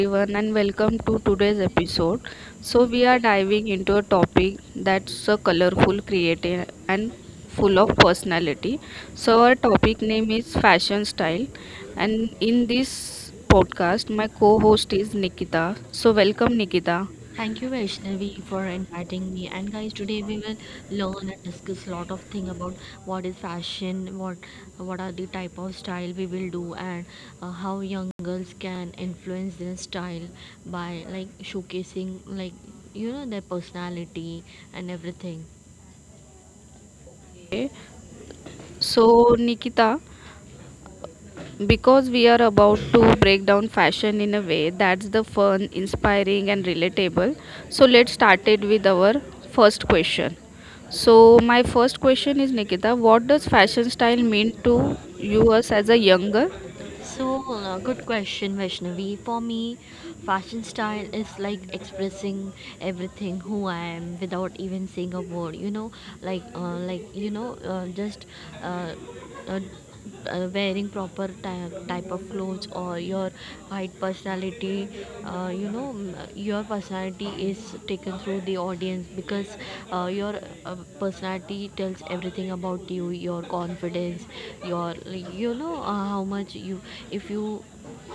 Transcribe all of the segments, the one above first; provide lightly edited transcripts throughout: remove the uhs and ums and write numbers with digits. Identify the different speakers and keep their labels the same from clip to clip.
Speaker 1: everyone, and welcome to today's episode. So we are diving into a topic that's so colorful, creative, and full of personality. So our topic name is fashion style, and in this podcast, my co host is Nikita. So welcome, Nikita.
Speaker 2: Thank you, Vaishnavi, for inviting me. And guys, today we will learn and discuss a lot of thing about what is fashion, what are the type of style we will do, and how young girls can influence their style by like showcasing like their personality and everything.
Speaker 1: So, Nikita, because we are about to break down fashion in a way that's the fun, inspiring, and relatable. So let's start it with our first question. So my first question is, Nikita, what does fashion style mean to you us as a young girl?
Speaker 2: So, good question, Vaishnavi. For me, fashion style is like expressing everything who I am without even saying a word. You know, like you know, just uh, uh, Wearing proper type of clothes or your height personality your personality is taken through the audience because your personality he tells everything about you, your confidence, your how much you if you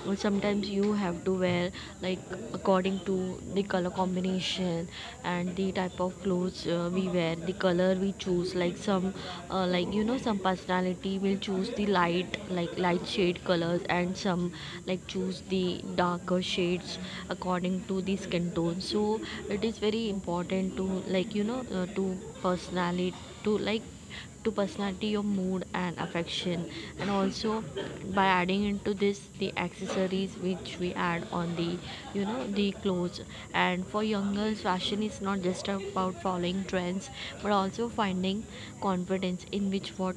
Speaker 2: well, sometimes you have to wear like according to the color combination and the type of clothes we wear, the color we choose, like some some personality will choose the light, like light shade colors, and some like choose the darker shades according to the skin tone. So it is very important to to personality, to like to personality your mood and affection, and also by adding into this the accessories which we add on the clothes. And for young girls, fashion is not just about following trends but also finding confidence in which what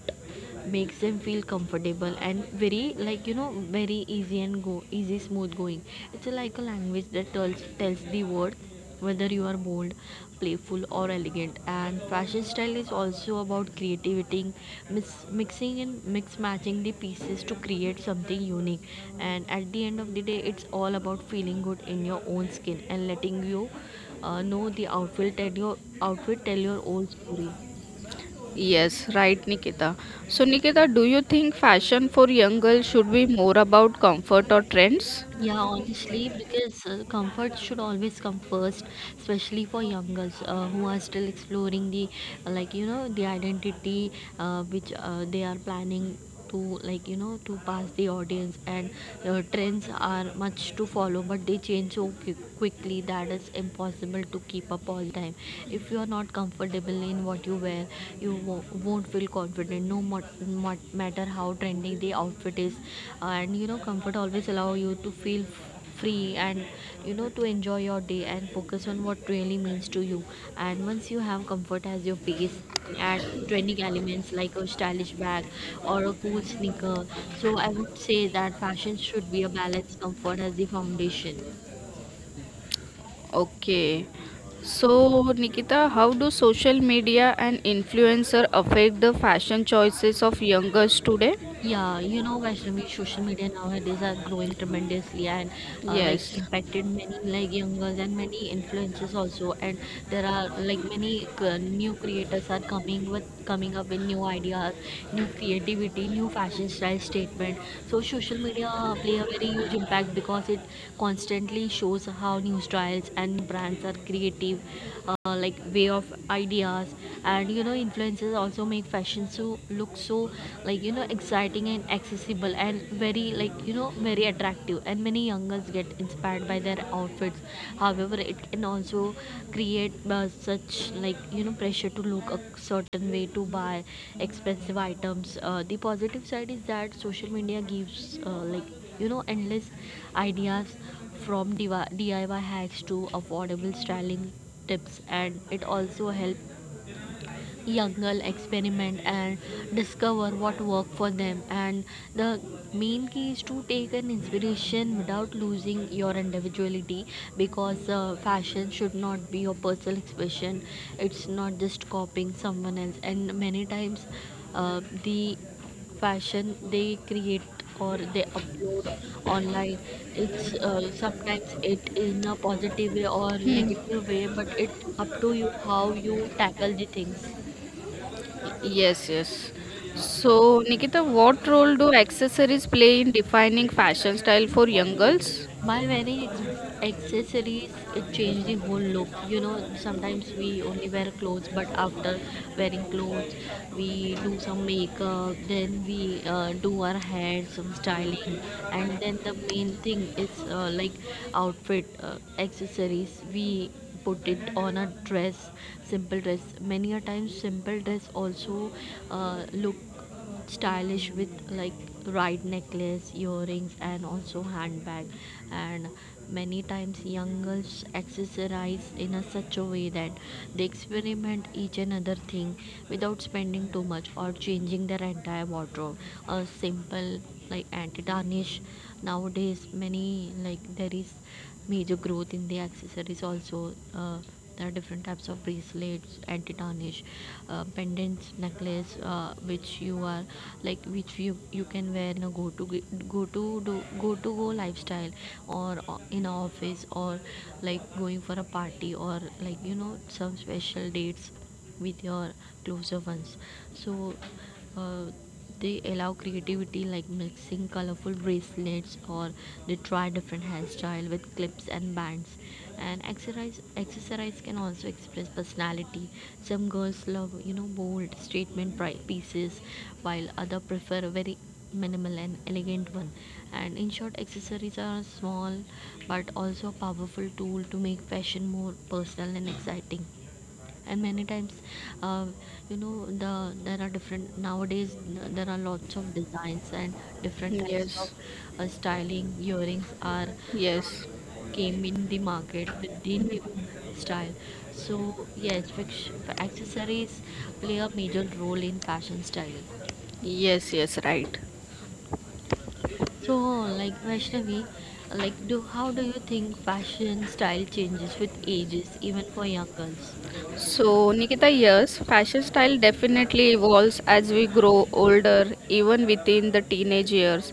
Speaker 2: makes them feel comfortable and very very easy and go easy smooth going. It's like a language that tells the world whether you are bold, playful, or elegant. And fashion style is also about creativity, mixing and mix matching the pieces to create something unique. And at the end of the day, it's all about feeling good in your own skin and letting you know the outfit tell, your outfit tell your own story.
Speaker 1: Yes, right, Nikita. So Nikita, do you think fashion for young girls should be more about comfort or trends?
Speaker 2: Yeah, honestly, because comfort should always come first, especially for young girls who are still exploring the, like you know, the identity which they are planning to, to pass the audience. And trends are much to follow, but they change so quickly that it's impossible to keep up all the time. If you are not comfortable in what you wear, you won't feel confident no matter how trendy the outfit is. And you know comfort always allow you to feel free and you know to enjoy your day and focus on what really means to you. And once you have comfort as your base, you can add trending elements like a stylish bag or a cool sneaker. So I would say that fashion should be a balanced comfort as the foundation.
Speaker 1: Okay. So, Nikita, how do social media and influencer affect the fashion choices of young girls today?
Speaker 2: Yeah, you know, Vaishnavi, social media nowadays are growing tremendously and like
Speaker 1: Yes,
Speaker 2: impacted many like young and many influencers also. And there are like many new creators are coming with coming up with new ideas, new creativity, new fashion style statement. So social media play a very huge impact because it constantly shows how new styles and new brands are creative, like way of ideas. And you know, influencers also make fashion so look so exciting and accessible and very very attractive, and many young girls get inspired by their outfits. However, it can also create such pressure to look a certain way, to buy expensive items. The positive side is that social media gives uh, like endless ideas, from DIY hacks to affordable styling tips, and it also helps young girl experiment and discover what worked for them. And the main key is to take an inspiration without losing your individuality, because fashion should not be your personal expression, it's not just copying someone else. And many times the fashion they create or they upload online, it's sometimes it in a positive way or negative way, but it up to you how you tackle the things.
Speaker 1: yes, yes. So, Nikita, what role do accessories play in defining fashion style for young girls?
Speaker 2: My wearing accessories, it changed the whole look. You know, sometimes we only wear clothes, but after wearing clothes, we do some makeup, then we do our hair, some styling, and then the main thing is like outfit, accessories. We put it on a dress, simple dress. Many a times, simple dress also look stylish with like right necklace, earrings, and also handbag. And many times young girls accessorize in a such a way that they experiment each another thing without spending too much or changing their entire wardrobe. A simple like anti-tarnish, nowadays many like there is major growth in the accessories also. There are different types of bracelets, anti-tarnish pendants, necklace, which you are like which you can wear in a go to go to do go to go lifestyle or in a office or like going for a party or some special dates with your closer ones. So uh, they allow creativity like mixing colorful bracelets or they try different hairstyle with clips and bands. And exercise accessories can also express personality. Some girls love you know bold statement pieces, while other prefer a very minimal and elegant one. And in short, accessories are small but also a powerful tool to make fashion more personal and exciting. And many times uh, the there are different, nowadays there are lots of designs and different types of
Speaker 1: Yes,
Speaker 2: styling earrings are
Speaker 1: yes,
Speaker 2: came in the market with the new style. So yes, accessories play a major role in fashion style.
Speaker 1: yes, yes, right.
Speaker 2: So like Vaishnavi, like do how do you think fashion style changes with ages even for young girls?
Speaker 1: So, Nikita, yes, fashion style definitely evolves as we grow older, even within the teenage years.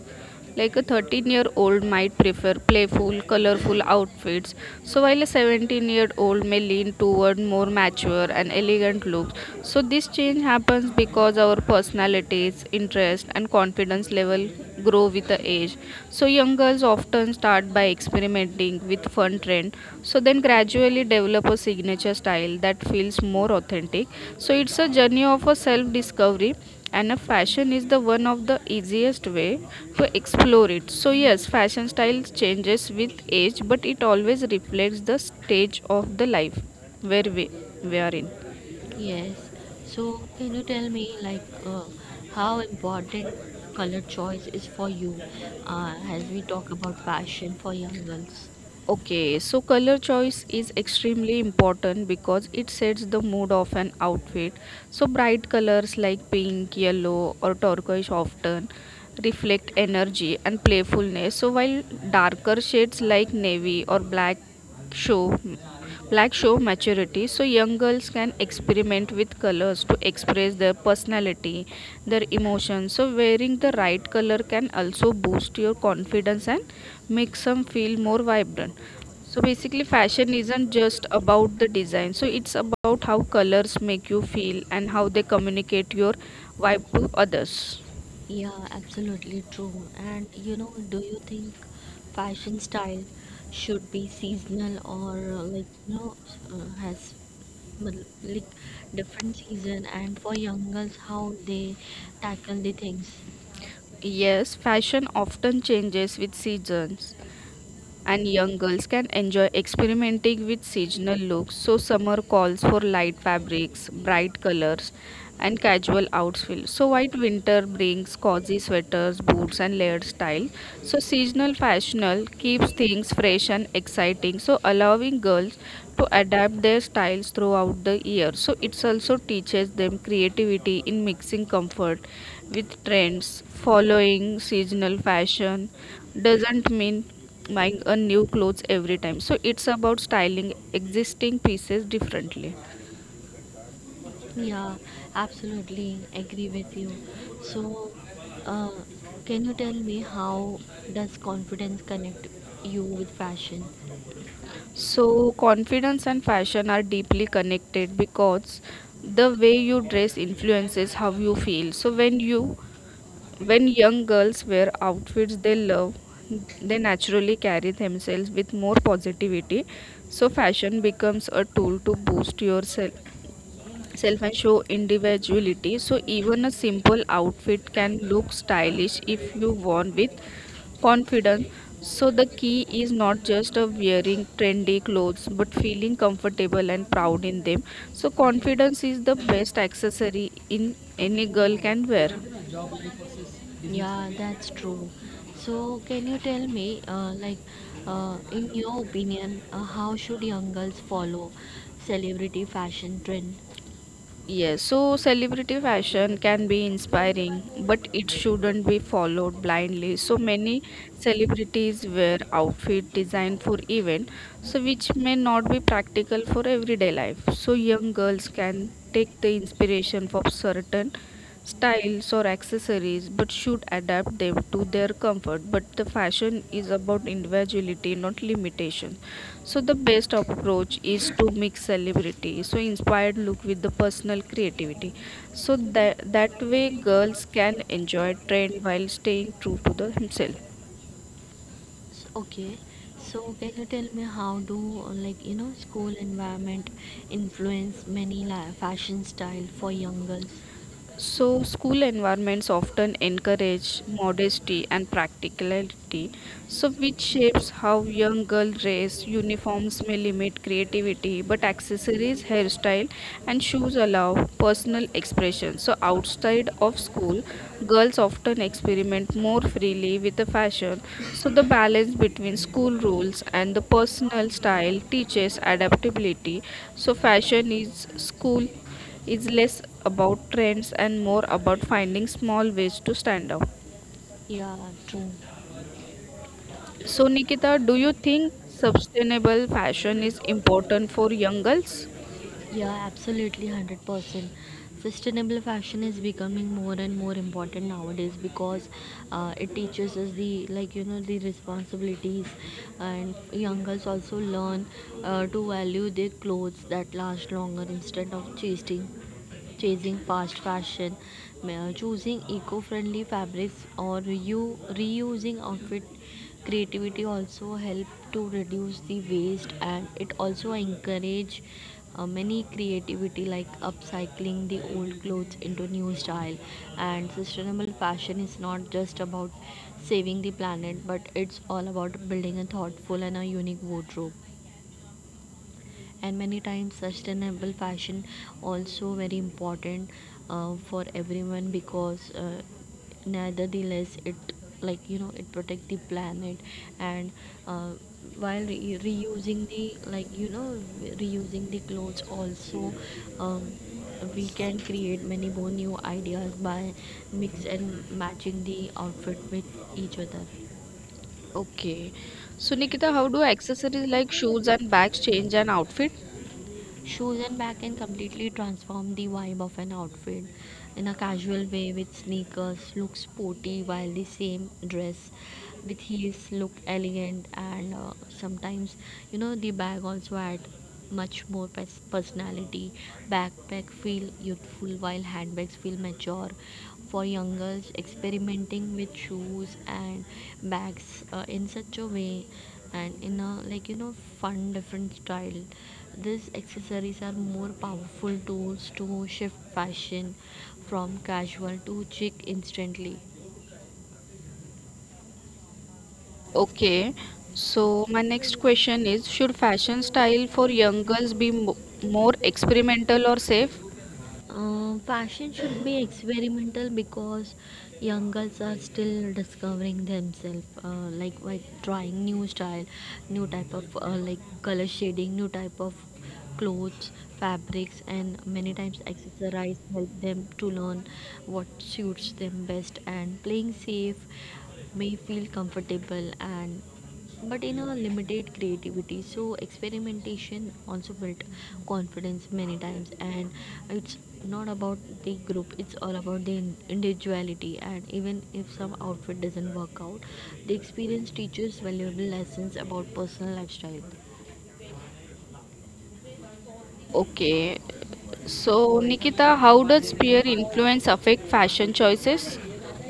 Speaker 1: Like a 13-year-old year old might prefer playful, colorful outfits, so while a 17-year-old year old may lean toward more mature and elegant looks. So this change happens because our personalities, interest and confidence level grow with the age. So young girls often start by experimenting with fun trend, so then gradually develop a signature style that feels more authentic. So it's a journey of a self discovery, and a fashion is the one of the easiest way to explore it. So yes, fashion style changes with age, but it always reflects the stage of the life where we are in.
Speaker 2: Yes. So, can you tell me, like, how important color choice is for you, as we talk about fashion for young girls?
Speaker 1: Okay, so color choice is extremely important because it sets the mood of an outfit. So bright colors like pink, yellow, or turquoise often reflect energy and playfulness, so while darker shades like navy or black show show maturity. So young girls can experiment with colors to express their personality, their emotions. So wearing the right color can also boost your confidence and makes them feel more vibrant. So basically, fashion isn't just about the design. So it's about how colors make you feel and how they communicate your vibe to others.
Speaker 2: Yeah, absolutely true. And you know, do you think fashion style should be seasonal or has matlab, like different season? And for young girls, how they tackle the things?
Speaker 1: Yes, fashion often changes with seasons, and young girls can enjoy experimenting with seasonal looks. So summer calls for light fabrics, bright colors, and casual outfits. So white winter brings cozy sweaters, boots, and layered style. So seasonal fashional keeps things fresh and exciting. So allowing girls to adapt their styles throughout the year. So it also teaches them creativity in mixing comfort with trends. Following seasonal fashion doesn't mean buying a new clothes every time. So it's about styling existing pieces differently.
Speaker 2: Yeah, absolutely agree with you. So, uh, can you tell me how does confidence connect you with fashion?
Speaker 1: So confidence and fashion are deeply connected, because the way you dress influences how you feel. So when young girls wear outfits they love, they naturally carry themselves with more positivity. So fashion becomes a tool to boost yourself self and show individuality. So even a simple outfit can look stylish if you worn with confidence. So the key is not just of wearing trendy clothes but feeling comfortable and proud in them. So confidence is the best accessory in any girl can wear.
Speaker 2: Yeah, that's true. So, can you tell me, in your opinion, how should young girls follow celebrity fashion trend?
Speaker 1: Yes, so celebrity fashion can be inspiring, but it shouldn't be followed blindly. So many celebrities wear outfit designed for event, so which may not be practical for everyday life. So young girls can take the inspiration from certain styles or accessories, but should adapt them to their comfort. But the fashion is about individuality, not limitation. So the best approach is to mix celebrity, so inspired look with the personal creativity. So that way girls can enjoy trend while staying true to the himself.
Speaker 2: Okay, so can you tell me how do, school environment influence many li fashion style for young girls?
Speaker 1: So school environments often encourage modesty and practicality, so which shapes how young girls dress. Uniforms may limit creativity, but accessories, hairstyle, and shoes allow personal expression. So outside of school, girls often experiment more freely with the fashion. So the balance between school rules and the personal style teaches adaptability. So fashion is school is less about trends and more about finding small ways to stand out.
Speaker 2: Yeah, true.
Speaker 1: So, Nikita, do you think sustainable fashion is important for young girls?
Speaker 2: Yeah, absolutely, 100%. Sustainable fashion is becoming more and more important nowadays because it teaches us the the responsibilities, and young girls also learn to value their clothes that last longer instead of chasing fast fashion. Choosing eco-friendly fabrics or reusing outfit creativity also help to reduce the waste, and it also encourage many creativity like upcycling the old clothes into new style. And sustainable fashion is not just about saving the planet but it's all about building a thoughtful and a unique wardrobe. And many times sustainable fashion also very important for everyone because nevertheless it it protect the planet and uh, while reusing the reusing the clothes also um, we can create many more new ideas by mix and matching the outfit with each other.
Speaker 1: Okay. So, Nikita, how do accessories like shoes and bags change an outfit?
Speaker 2: Shoes and bag can completely transform the vibe of an outfit. In a casual way, with sneakers, look sporty, while the same dress with heels look elegant. And sometimes, you know, the bag also add much more personality. Backpack feel youthful, while handbags feel mature. For young girls, experimenting with shoes and bags in such a way and in a fun different style, these accessories are more powerful tools to shift fashion from casual to chic instantly.
Speaker 1: Okay. So my next question is, should fashion style for young girls be more experimental or safe?
Speaker 2: Fashion should be experimental because young girls are still discovering themselves like by trying new style, new type of like color shading, new type of clothes fabrics, and many times accessorize help them to learn what suits them best. And playing safe may feel comfortable and but in a limited creativity. So experimentation also built confidence many times, and it's not about the group, it's all about the individuality. And even if some outfit doesn't work out, the experience teaches valuable lessons about personal lifestyle.
Speaker 1: Okay. So, Nikita, how does peer influence affect fashion choices?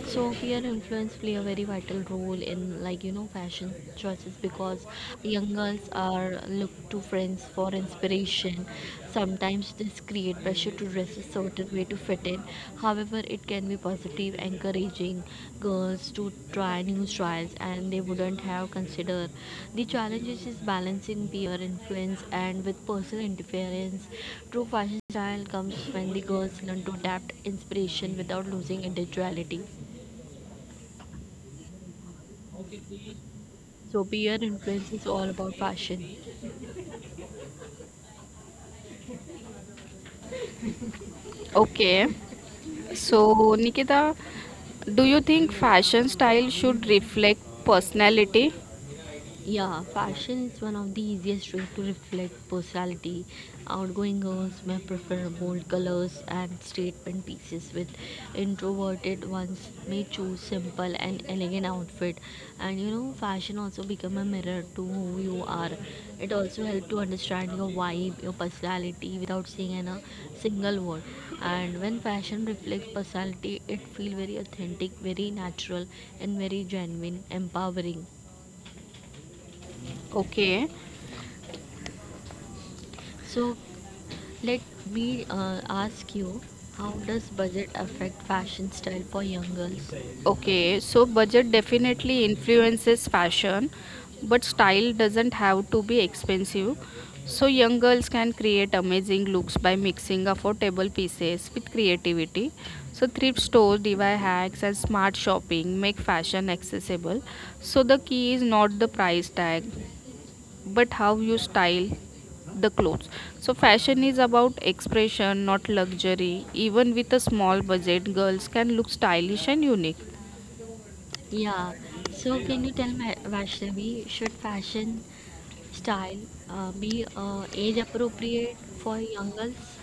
Speaker 2: So fear influence play a very vital role in fashion choices because young girls are look to friends for inspiration. Sometimes this create pressure to dress a certain way to fit in. However, it can be positive, encouraging girls to try new styles and they wouldn't have considered. The challenges is balancing peer influence and with personal interference. True fashion style comes when the girls learn to adapt inspiration without losing individuality. So peer influence is all about fashion.
Speaker 1: Okay. So, Nikita, do you think fashion style should reflect personality?
Speaker 2: Yeah, fashion is one of the easiest ways to reflect personality. Outgoing girls may prefer bold colors and statement pieces, with introverted ones may choose simple and elegant outfit. And fashion also become a mirror to who you are. It also helps to understand your vibe, your personality without saying in a single word. And when fashion reflects personality, it feels very authentic, very natural, and very genuine, empowering.
Speaker 1: Okay,
Speaker 2: So let me ask you, how does budget affect fashion style for young girls?
Speaker 1: okay. So budget definitely influences fashion, but style doesn't have to be expensive. So young girls can create amazing looks by mixing affordable pieces with creativity. So thrift stores, DIY hacks, and smart shopping make fashion accessible. So the key is not the price tag but how you style the clothes. So fashion is about expression, not luxury. Even with a small budget, girls can look stylish and unique.
Speaker 2: Yeah, so can you tell me, Vaishnavi, should fashion style be age appropriate for young girls?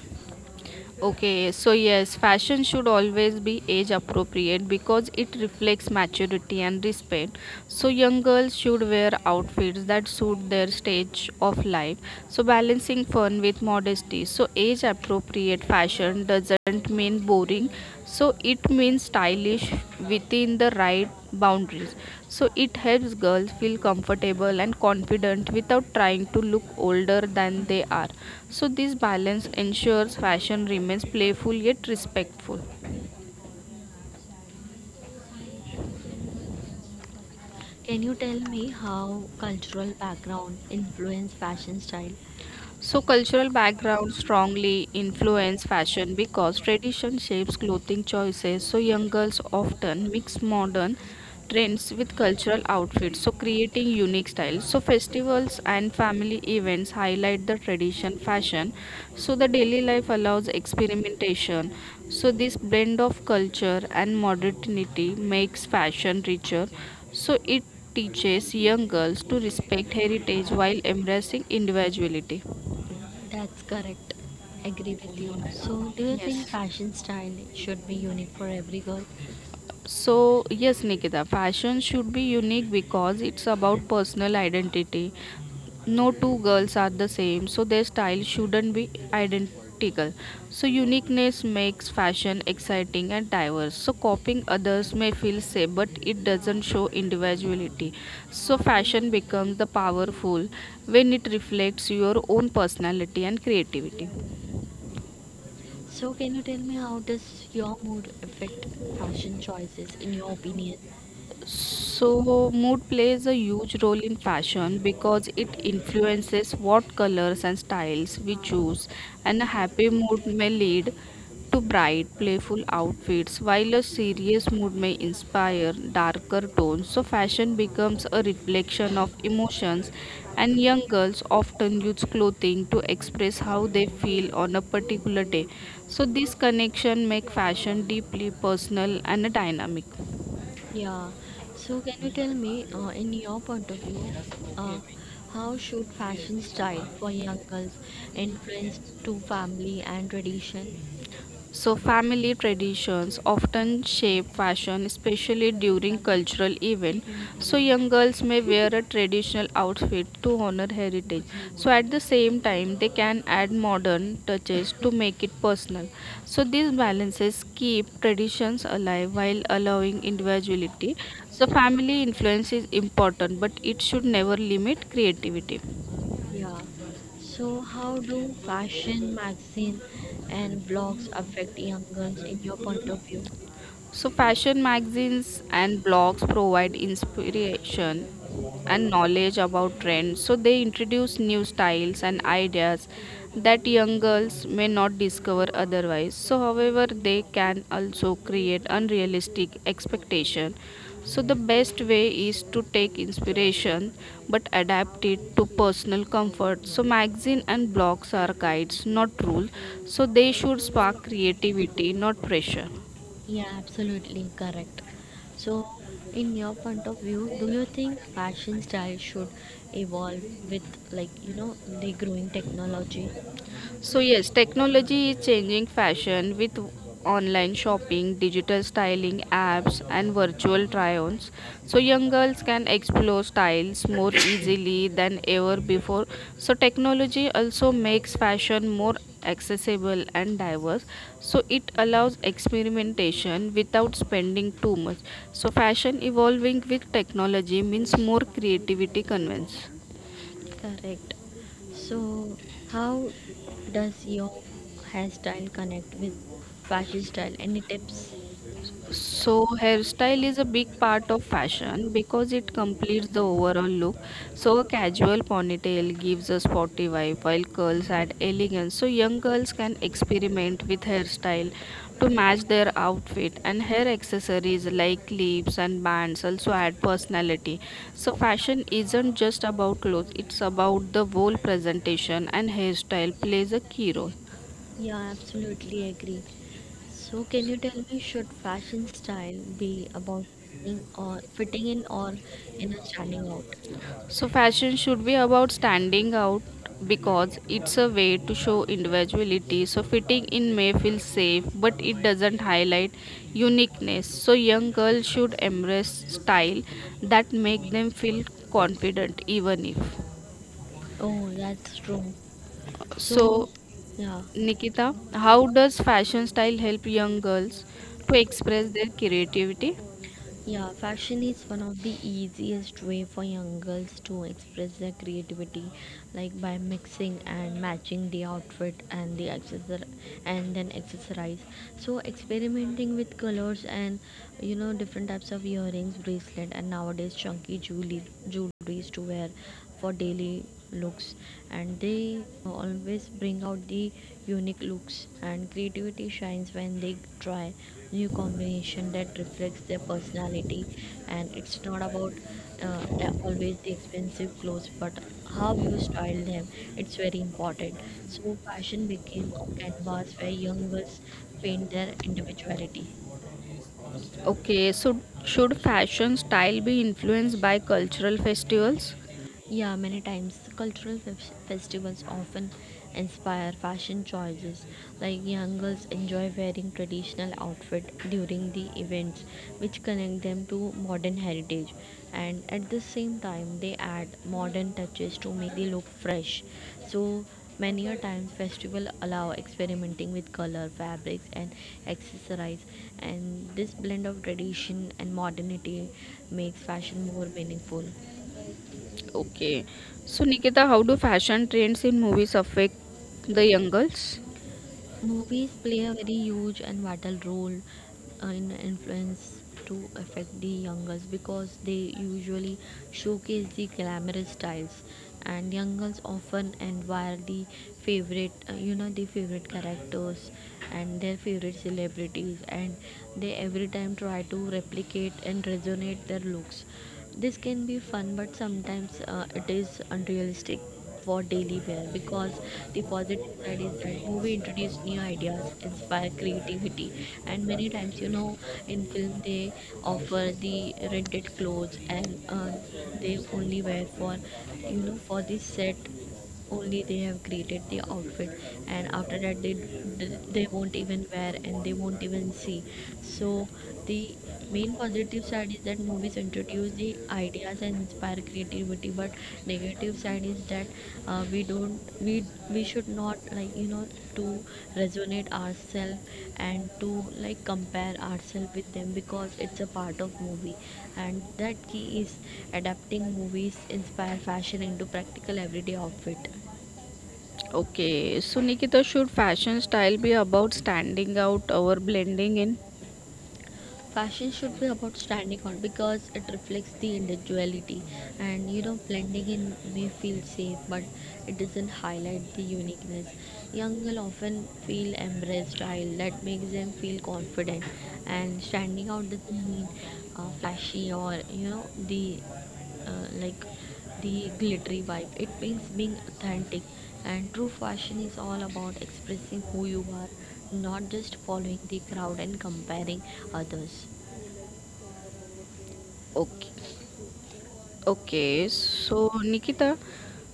Speaker 1: Okay, so yes, fashion should always be age appropriate because it reflects maturity and respect. So young girls should wear outfits that suit their stage of life. So balancing fun with modesty. So age appropriate fashion doesn't mean boring. So it means stylish within the right boundaries. So it helps girls feel comfortable and confident without trying to look older than they are. So this balance ensures fashion remains playful yet respectful.
Speaker 2: Can you tell me how cultural background influence fashion style?
Speaker 1: So cultural background strongly influence fashion because tradition shapes clothing choices. So young girls often mix modern trends with cultural outfits, so creating unique styles. So festivals and family events highlight the tradition fashion. So the daily life allows experimentation. So this blend of culture and modernity makes fashion richer. So it teaches young girls to respect heritage while embracing individuality.
Speaker 2: That's correct. Agree with you. So, do you think
Speaker 1: Yes.
Speaker 2: fashion style should be unique for every girl?
Speaker 1: So yes, Nikita, fashion should be unique because it's about personal identity. No two girls are the same, so their style shouldn't be identical. So uniqueness makes fashion exciting and diverse. So copying others may feel safe, but it doesn't show individuality. So fashion becomes the powerful when it reflects your own personality and creativity.
Speaker 2: So, can you tell me how does your mood affect fashion choices in your opinion?
Speaker 1: So mood plays a huge role in fashion because it influences what colors and styles we choose, and a happy mood may lead to bright, playful outfits, while a serious mood may inspire darker tones. So fashion becomes a reflection of emotions, and young girls often use clothing to express how they feel on a particular day. So this connection makes fashion deeply personal and dynamic.
Speaker 2: Yeah. So, can you tell me, in your point of view, uh, how should fashion style for young girls influence to family and tradition?
Speaker 1: So family traditions often shape fashion, especially during cultural events. So young girls may wear a traditional outfit to honor heritage. So at the same time, they can add modern touches to make it personal. So these balances keep traditions alive while allowing individuality. So family influence is important, but it should never limit creativity.
Speaker 2: Yeah. So, how do fashion magazine and blogs affect young girls in your point of view?
Speaker 1: So fashion magazines and blogs provide inspiration and knowledge about trends. So they introduce new styles and ideas that young girls may not discover otherwise. So however, they can also create unrealistic expectation. So the best way is to take inspiration but adapt it to personal comfort. So magazine and blogs are guides, not rules. So they should spark creativity, not pressure.
Speaker 2: Yeah, absolutely correct. So, in your point of view, do you think fashion style should evolve with, like, the growing technology?
Speaker 1: So yes, technology is changing fashion with online shopping, digital styling apps, and virtual try ons. So young girls can explore styles more easily than ever before. So technology also makes fashion more accessible and diverse. So it allows experimentation without spending too much. So fashion evolving with technology means more creativity convince.
Speaker 2: Correct. So, how does your hairstyle connect with fashion style? Any tips?
Speaker 1: So hairstyle is a big part of fashion because it completes the overall look. So a casual ponytail gives a sporty vibe, while curls add elegance. So young girls can experiment with hairstyle to match their outfit, and hair accessories like clips and bands also add personality. So fashion isn't just about clothes, it's about the whole presentation, and hairstyle plays a key role.
Speaker 2: Yeah, absolutely agree. So, can you tell me, should fashion style be about fitting or fitting in or in a standing out?
Speaker 1: So fashion should be about standing out because it's a way to show individuality. So fitting in may feel safe, but it doesn't highlight uniqueness. So young girls should embrace style that make them feel confident, even if.
Speaker 2: Oh, that's true. So,
Speaker 1: So,
Speaker 2: yeah.
Speaker 1: Nikita, how does fashion style help young girls to express their creativity?
Speaker 2: Yeah, fashion is one of the easiest way for young girls to express their creativity, like by mixing and matching the outfit and the accessor and then accessorize. So experimenting with colors and different types of earrings, bracelet, and nowadays chunky jewelry, sarees to wear for daily looks. And they always bring out the unique looks, and creativity shines when they try new combination that reflects their personality. And it's not about uh, always the expensive clothes, but how you style them it's very important. So fashion became a canvas where young girls paint their individuality.
Speaker 1: Okay. So should fashion style be influenced by cultural festivals?
Speaker 2: Yeah, many times cultural festivals often inspire fashion choices. Like, young girls enjoy wearing traditional outfit during the events, which connect them to modern heritage, and at the same time they add modern touches to make the look fresh. So many a times festival allow experimenting with color, fabrics, and accessories, and this blend of tradition and modernity makes fashion more meaningful.
Speaker 1: Okay. So, Nikita, how do fashion trends in movies affect the young girls?
Speaker 2: Movies play a very huge and vital role in influence to affect the youngers, because they usually showcase the glamorous styles, and young girls often admire the favorite you know the favorite characters and their favorite celebrities, and they every time try to replicate and resonate their looks. This can be fun, but sometimes it is unrealistic for daily wear. Because the positive side is that movie introduce new ideas, inspire creativity, and many times in film they offer the rented clothes, and they only wear for for the set only. They have created the outfit, and after that they won't even wear and they won't even see. So the main positive side is that movies introduce the ideas and inspire creativity, but negative side is that we don't we we should not like to resonate ourselves and to, like, compare ourselves with them, because it's a part of movie. And that key is adapting movies inspire fashion into practical everyday outfit.
Speaker 1: Okay. So, Nikita, should fashion style be about standing out or blending in?
Speaker 2: Fashion should be about standing out because it reflects the individuality, and blending in may feel safe, but it doesn't highlight the uniqueness. Young girls often feel embrace style that makes them feel confident, and standing out doesn't mean flashy or the like the glittery vibe. It means being authentic, and true fashion is all about expressing who you are, not just following the crowd and comparing others.
Speaker 1: Okay. Okay. So, Nikita,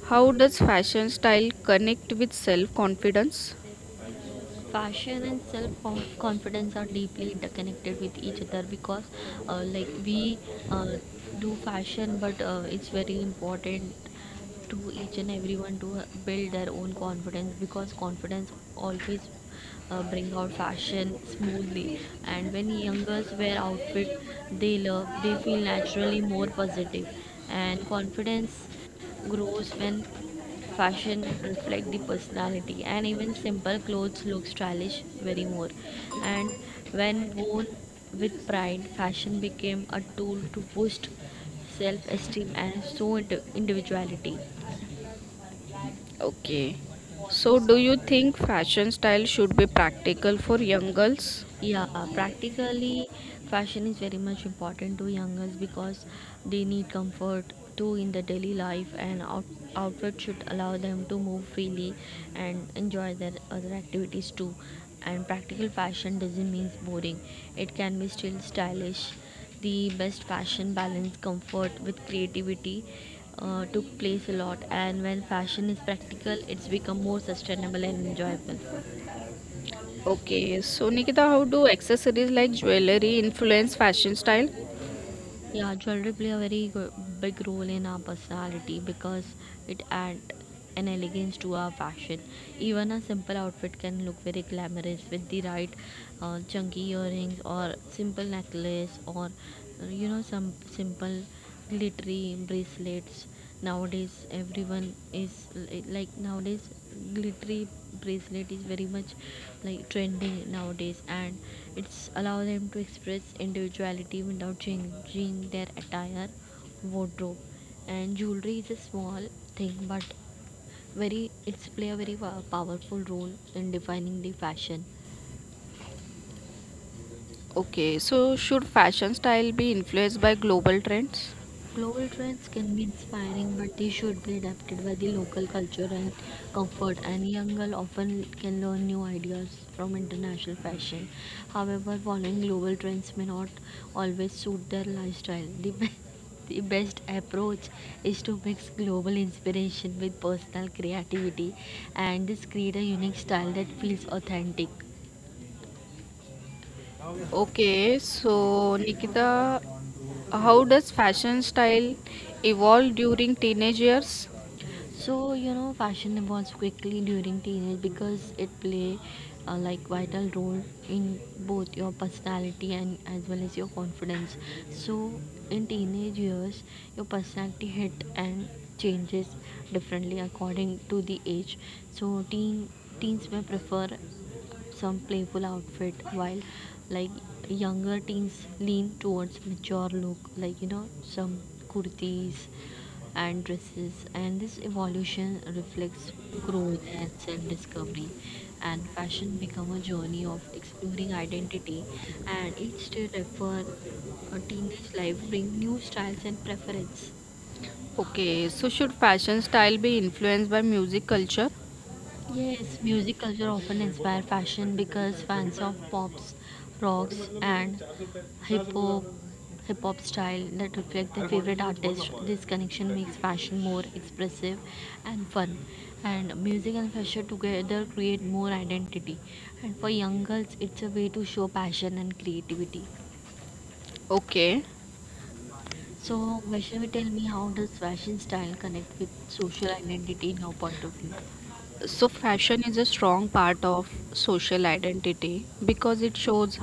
Speaker 1: how does fashion style connect with self confidence?
Speaker 2: Fashion and self confidence are deeply interconnected with each other, because like we uh, do fashion, but it's very important to each and everyone to build their own confidence, because confidence always bring out fashion smoothly. And when young girls wear outfit they love, they feel naturally more positive, and confidence grows when fashion reflect the personality, and even simple clothes look stylish very more. And when worn with pride, fashion became a tool to boost self-esteem and so individuality.
Speaker 1: Okay. So do you think fashion style should be practical for young girls?
Speaker 2: Yeah, practically, fashion is very much important to youngers because they need comfort too in the daily life, and outfit should allow them to move freely and enjoy their other activities too. And practical fashion doesn't mean boring; it can be still stylish. The best fashion balance comfort with creativity took place a lot, and when fashion is practical, it's become more sustainable and enjoyable.
Speaker 1: Okay. So, Nikita, how do accessories like jewelry influence fashion style?
Speaker 2: Yeah, jewelry play a very big role in our personality because it adds an elegance to our fashion. Even a simple outfit can look very glamorous with the right chunky earrings or simple necklace, or some simple glittery bracelets. Nowadays everyone is like, nowadays glittery bracelet is very much like trending nowadays, and it's allow them to express individuality without changing their attire wardrobe. And jewelry is a small thing, but very it's play a very powerful role in defining the fashion.
Speaker 1: Okay. So should fashion style be influenced by global trends?
Speaker 2: Global trends can be inspiring, but they should be adapted by the local culture and comfort. And young girl often can learn new ideas from international fashion. However, following global trends may not always suit their lifestyle. The best approach is to mix global inspiration with personal creativity, and this create a unique style that feels authentic.
Speaker 1: Okay. So, Nikita, how does fashion style evolve during teenage years?
Speaker 2: So fashion evolves quickly during teenage because it play a, like, vital role in both your personality and as well as your confidence. So in teenage years, your personality hit and changes differently according to the age. So teens may prefer some playful outfit while, like, younger teens lean towards mature look, like some kurtis and dresses. And this evolution reflects growth and self-discovery, and fashion become a journey of exploring identity, and each stage of a teenage life bring new styles and preference.
Speaker 1: Okay. So should fashion style be influenced by music culture?
Speaker 2: Yes, music culture often inspire fashion because fans of pops, rocks, and hip hop, hip hop style that reflect their favorite artist. This connection makes fashion more expressive and fun, and music and fashion together create more identity. And for young girls, it's a way to show passion and creativity.
Speaker 1: Okay,
Speaker 2: So, Vaishnavi, tell me, how does fashion style connect with social identity in your point of view?
Speaker 1: so fashion is a strong part of social identity because it shows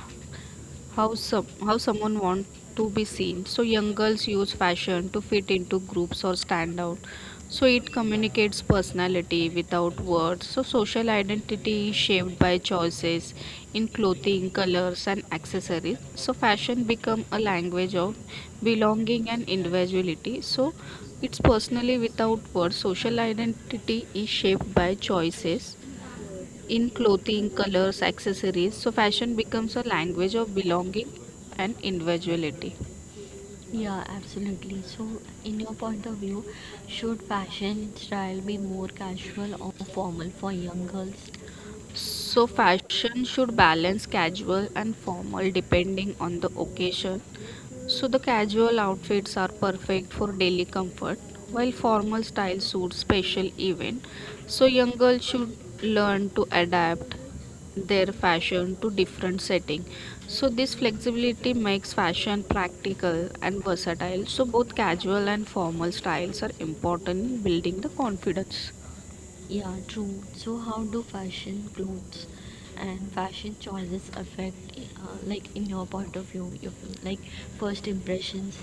Speaker 1: how someone want to be seen. So young girls use fashion to fit into groups or stand out, so it communicates personality without words. So social identity is shaped by choices in clothing, colors, and accessories, so fashion become a language of belonging and individuality. So it's personally without words. Social identity is shaped by choices in clothing, colors, accessories, so fashion becomes a language of belonging and individuality.
Speaker 2: Yeah, absolutely. So, in your point of view, should fashion style be more casual or formal for young girls?
Speaker 1: So, fashion should balance casual and formal depending on the occasion. So the casual outfits are perfect for daily comfort, while formal style suits special event. So young girls should learn to adapt their fashion to different setting. So this flexibility makes fashion practical and versatile. So both casual and formal styles are important in building the confidence.
Speaker 2: Yeah, true. So, how do fashion clothes and fashion choices affect, like, in your point of view, your, like, first impressions?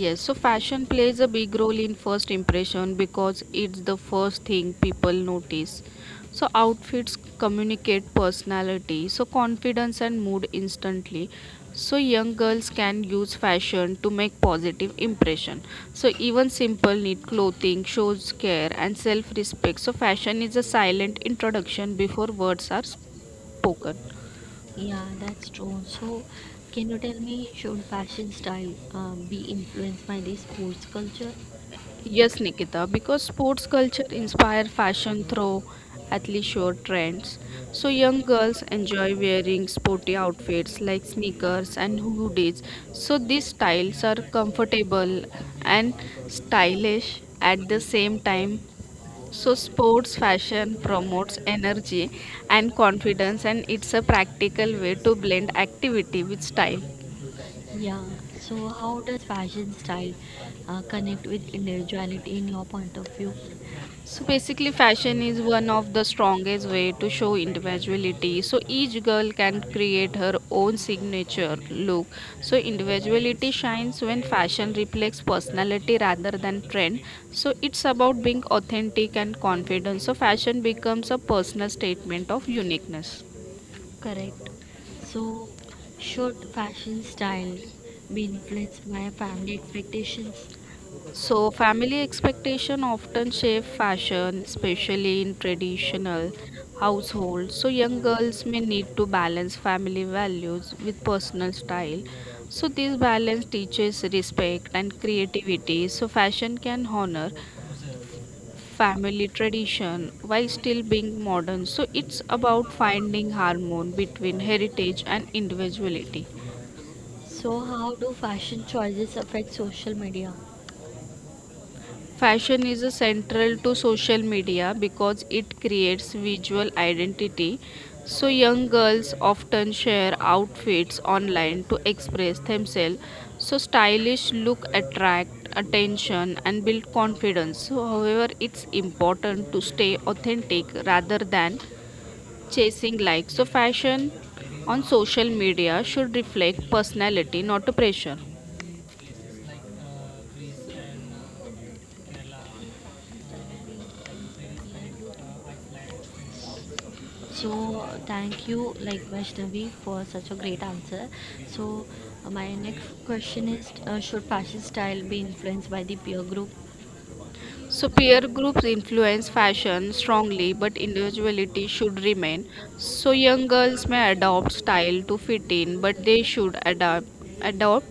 Speaker 1: Yes, so fashion plays a big role in first impression because it's the first thing people notice. So outfits communicate personality, so confidence and mood instantly. So young girls can use fashion to make positive impression. So even simple neat clothing shows care and self-respect. So fashion is a silent introduction before words are spoken.
Speaker 2: Yeah, that's true. So, can you tell me, should fashion style be influenced by the sports culture?
Speaker 1: Yes, Nikita, because sports culture inspire fashion through athleisure trends. So young girls enjoy wearing sporty outfits like sneakers and hoodies. So these styles are comfortable and stylish at the same time. So sports fashion promotes energy and confidence, and it's a practical way to blend activity with style.
Speaker 2: Yeah, so how does fashion style connect with individuality in your point of view?
Speaker 1: So basically, fashion is one of the strongest way to show individuality. So each girl can create her own signature look. So individuality shines when fashion reflects personality rather than trend. So it's about being authentic and confident. So fashion becomes a personal statement of uniqueness.
Speaker 2: Correct. So, should fashion style be influenced by family expectations?
Speaker 1: So, family expectation often shape fashion, especially in traditional households. So, young girls may need to balance family values with personal style. So, this balance teaches respect and creativity. So, fashion can honor family tradition while still being modern. So, it's about finding harmony between heritage and individuality.
Speaker 2: So, how do fashion choices affect social media?
Speaker 1: Fashion is central to social media because it creates visual identity. So, young girls often share outfits online to express themselves. So, stylish look attract attention and build confidence. So, however, it's important to stay authentic rather than chasing likes. So, fashion on social media should reflect personality, not a pressure.
Speaker 2: So, thank you, like, Vaishnavi, for such a great answer. So, my next question is should fashion style be influenced by the peer group?
Speaker 1: So peer groups influence fashion strongly, but individuality should remain. So young girls may adopt style to fit in, but they should adapt adopt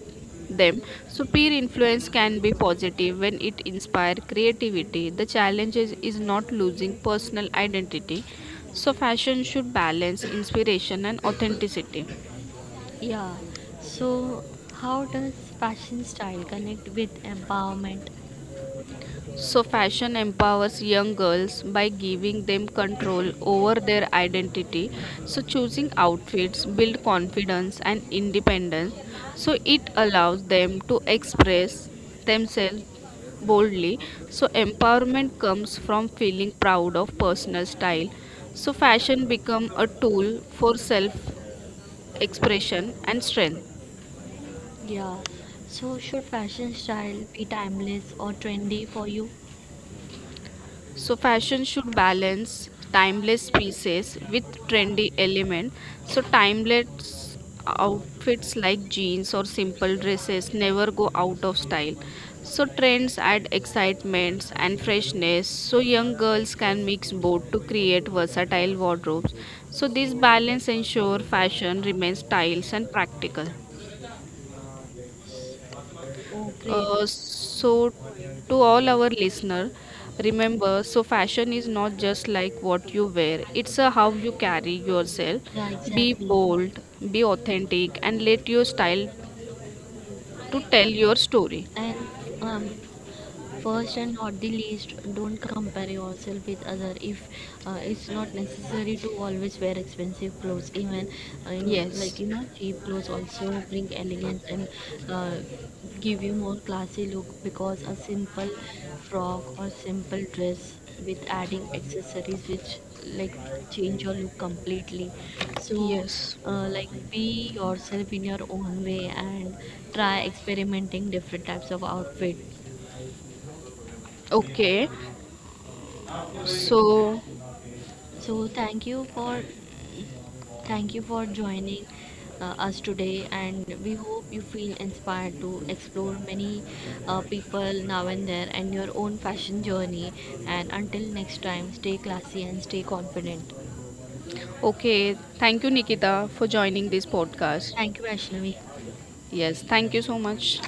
Speaker 1: them. So peer influence can be positive when it inspires creativity. The challenge is not losing personal identity. So fashion should balance inspiration and authenticity.
Speaker 2: Yeah. So, how does fashion style connect with empowerment?
Speaker 1: So, fashion empowers young girls by giving them control over their identity. So, choosing outfits build confidence and independence. So, it allows them to express themselves boldly. So, empowerment comes from feeling proud of personal style. So, fashion become a tool for self expression and strength.
Speaker 2: Yeah. So, should fashion style be timeless or trendy for you?
Speaker 1: So fashion should balance timeless pieces with trendy element. So timeless outfits like jeans or simple dresses never go out of style. So trends add excitements and freshness. So young girls can mix both to create versatile wardrobes. So this balance ensure fashion remains stylish and practical.
Speaker 2: Oh, great.
Speaker 1: So, to all our listener, remember, so fashion is not just like what you wear. It's a how you carry yourself.
Speaker 2: Yeah,
Speaker 1: Be
Speaker 2: exactly.
Speaker 1: bold, be authentic, and let your style to tell your story.
Speaker 2: And um, First and not the least, don't compare yourself with other. If it's not necessary to always wear expensive clothes, even in, like,
Speaker 1: Yes,
Speaker 2: cheap clothes also bring elegance and uh, give you more classy look, because a simple frock or simple dress with adding accessories which, like, change your look completely. So
Speaker 1: yes.
Speaker 2: like, be yourself in your own way and try experimenting different types of outfit.
Speaker 1: Okay. So,
Speaker 2: So thank you for joining us today, and we hope you feel inspired to explore many people now and there and your own fashion journey. And until next time, stay classy and stay confident.
Speaker 1: okay. Thank you, Nikita, for joining this podcast.
Speaker 2: Thank you, Ashnavi.
Speaker 1: Yes, thank you so much.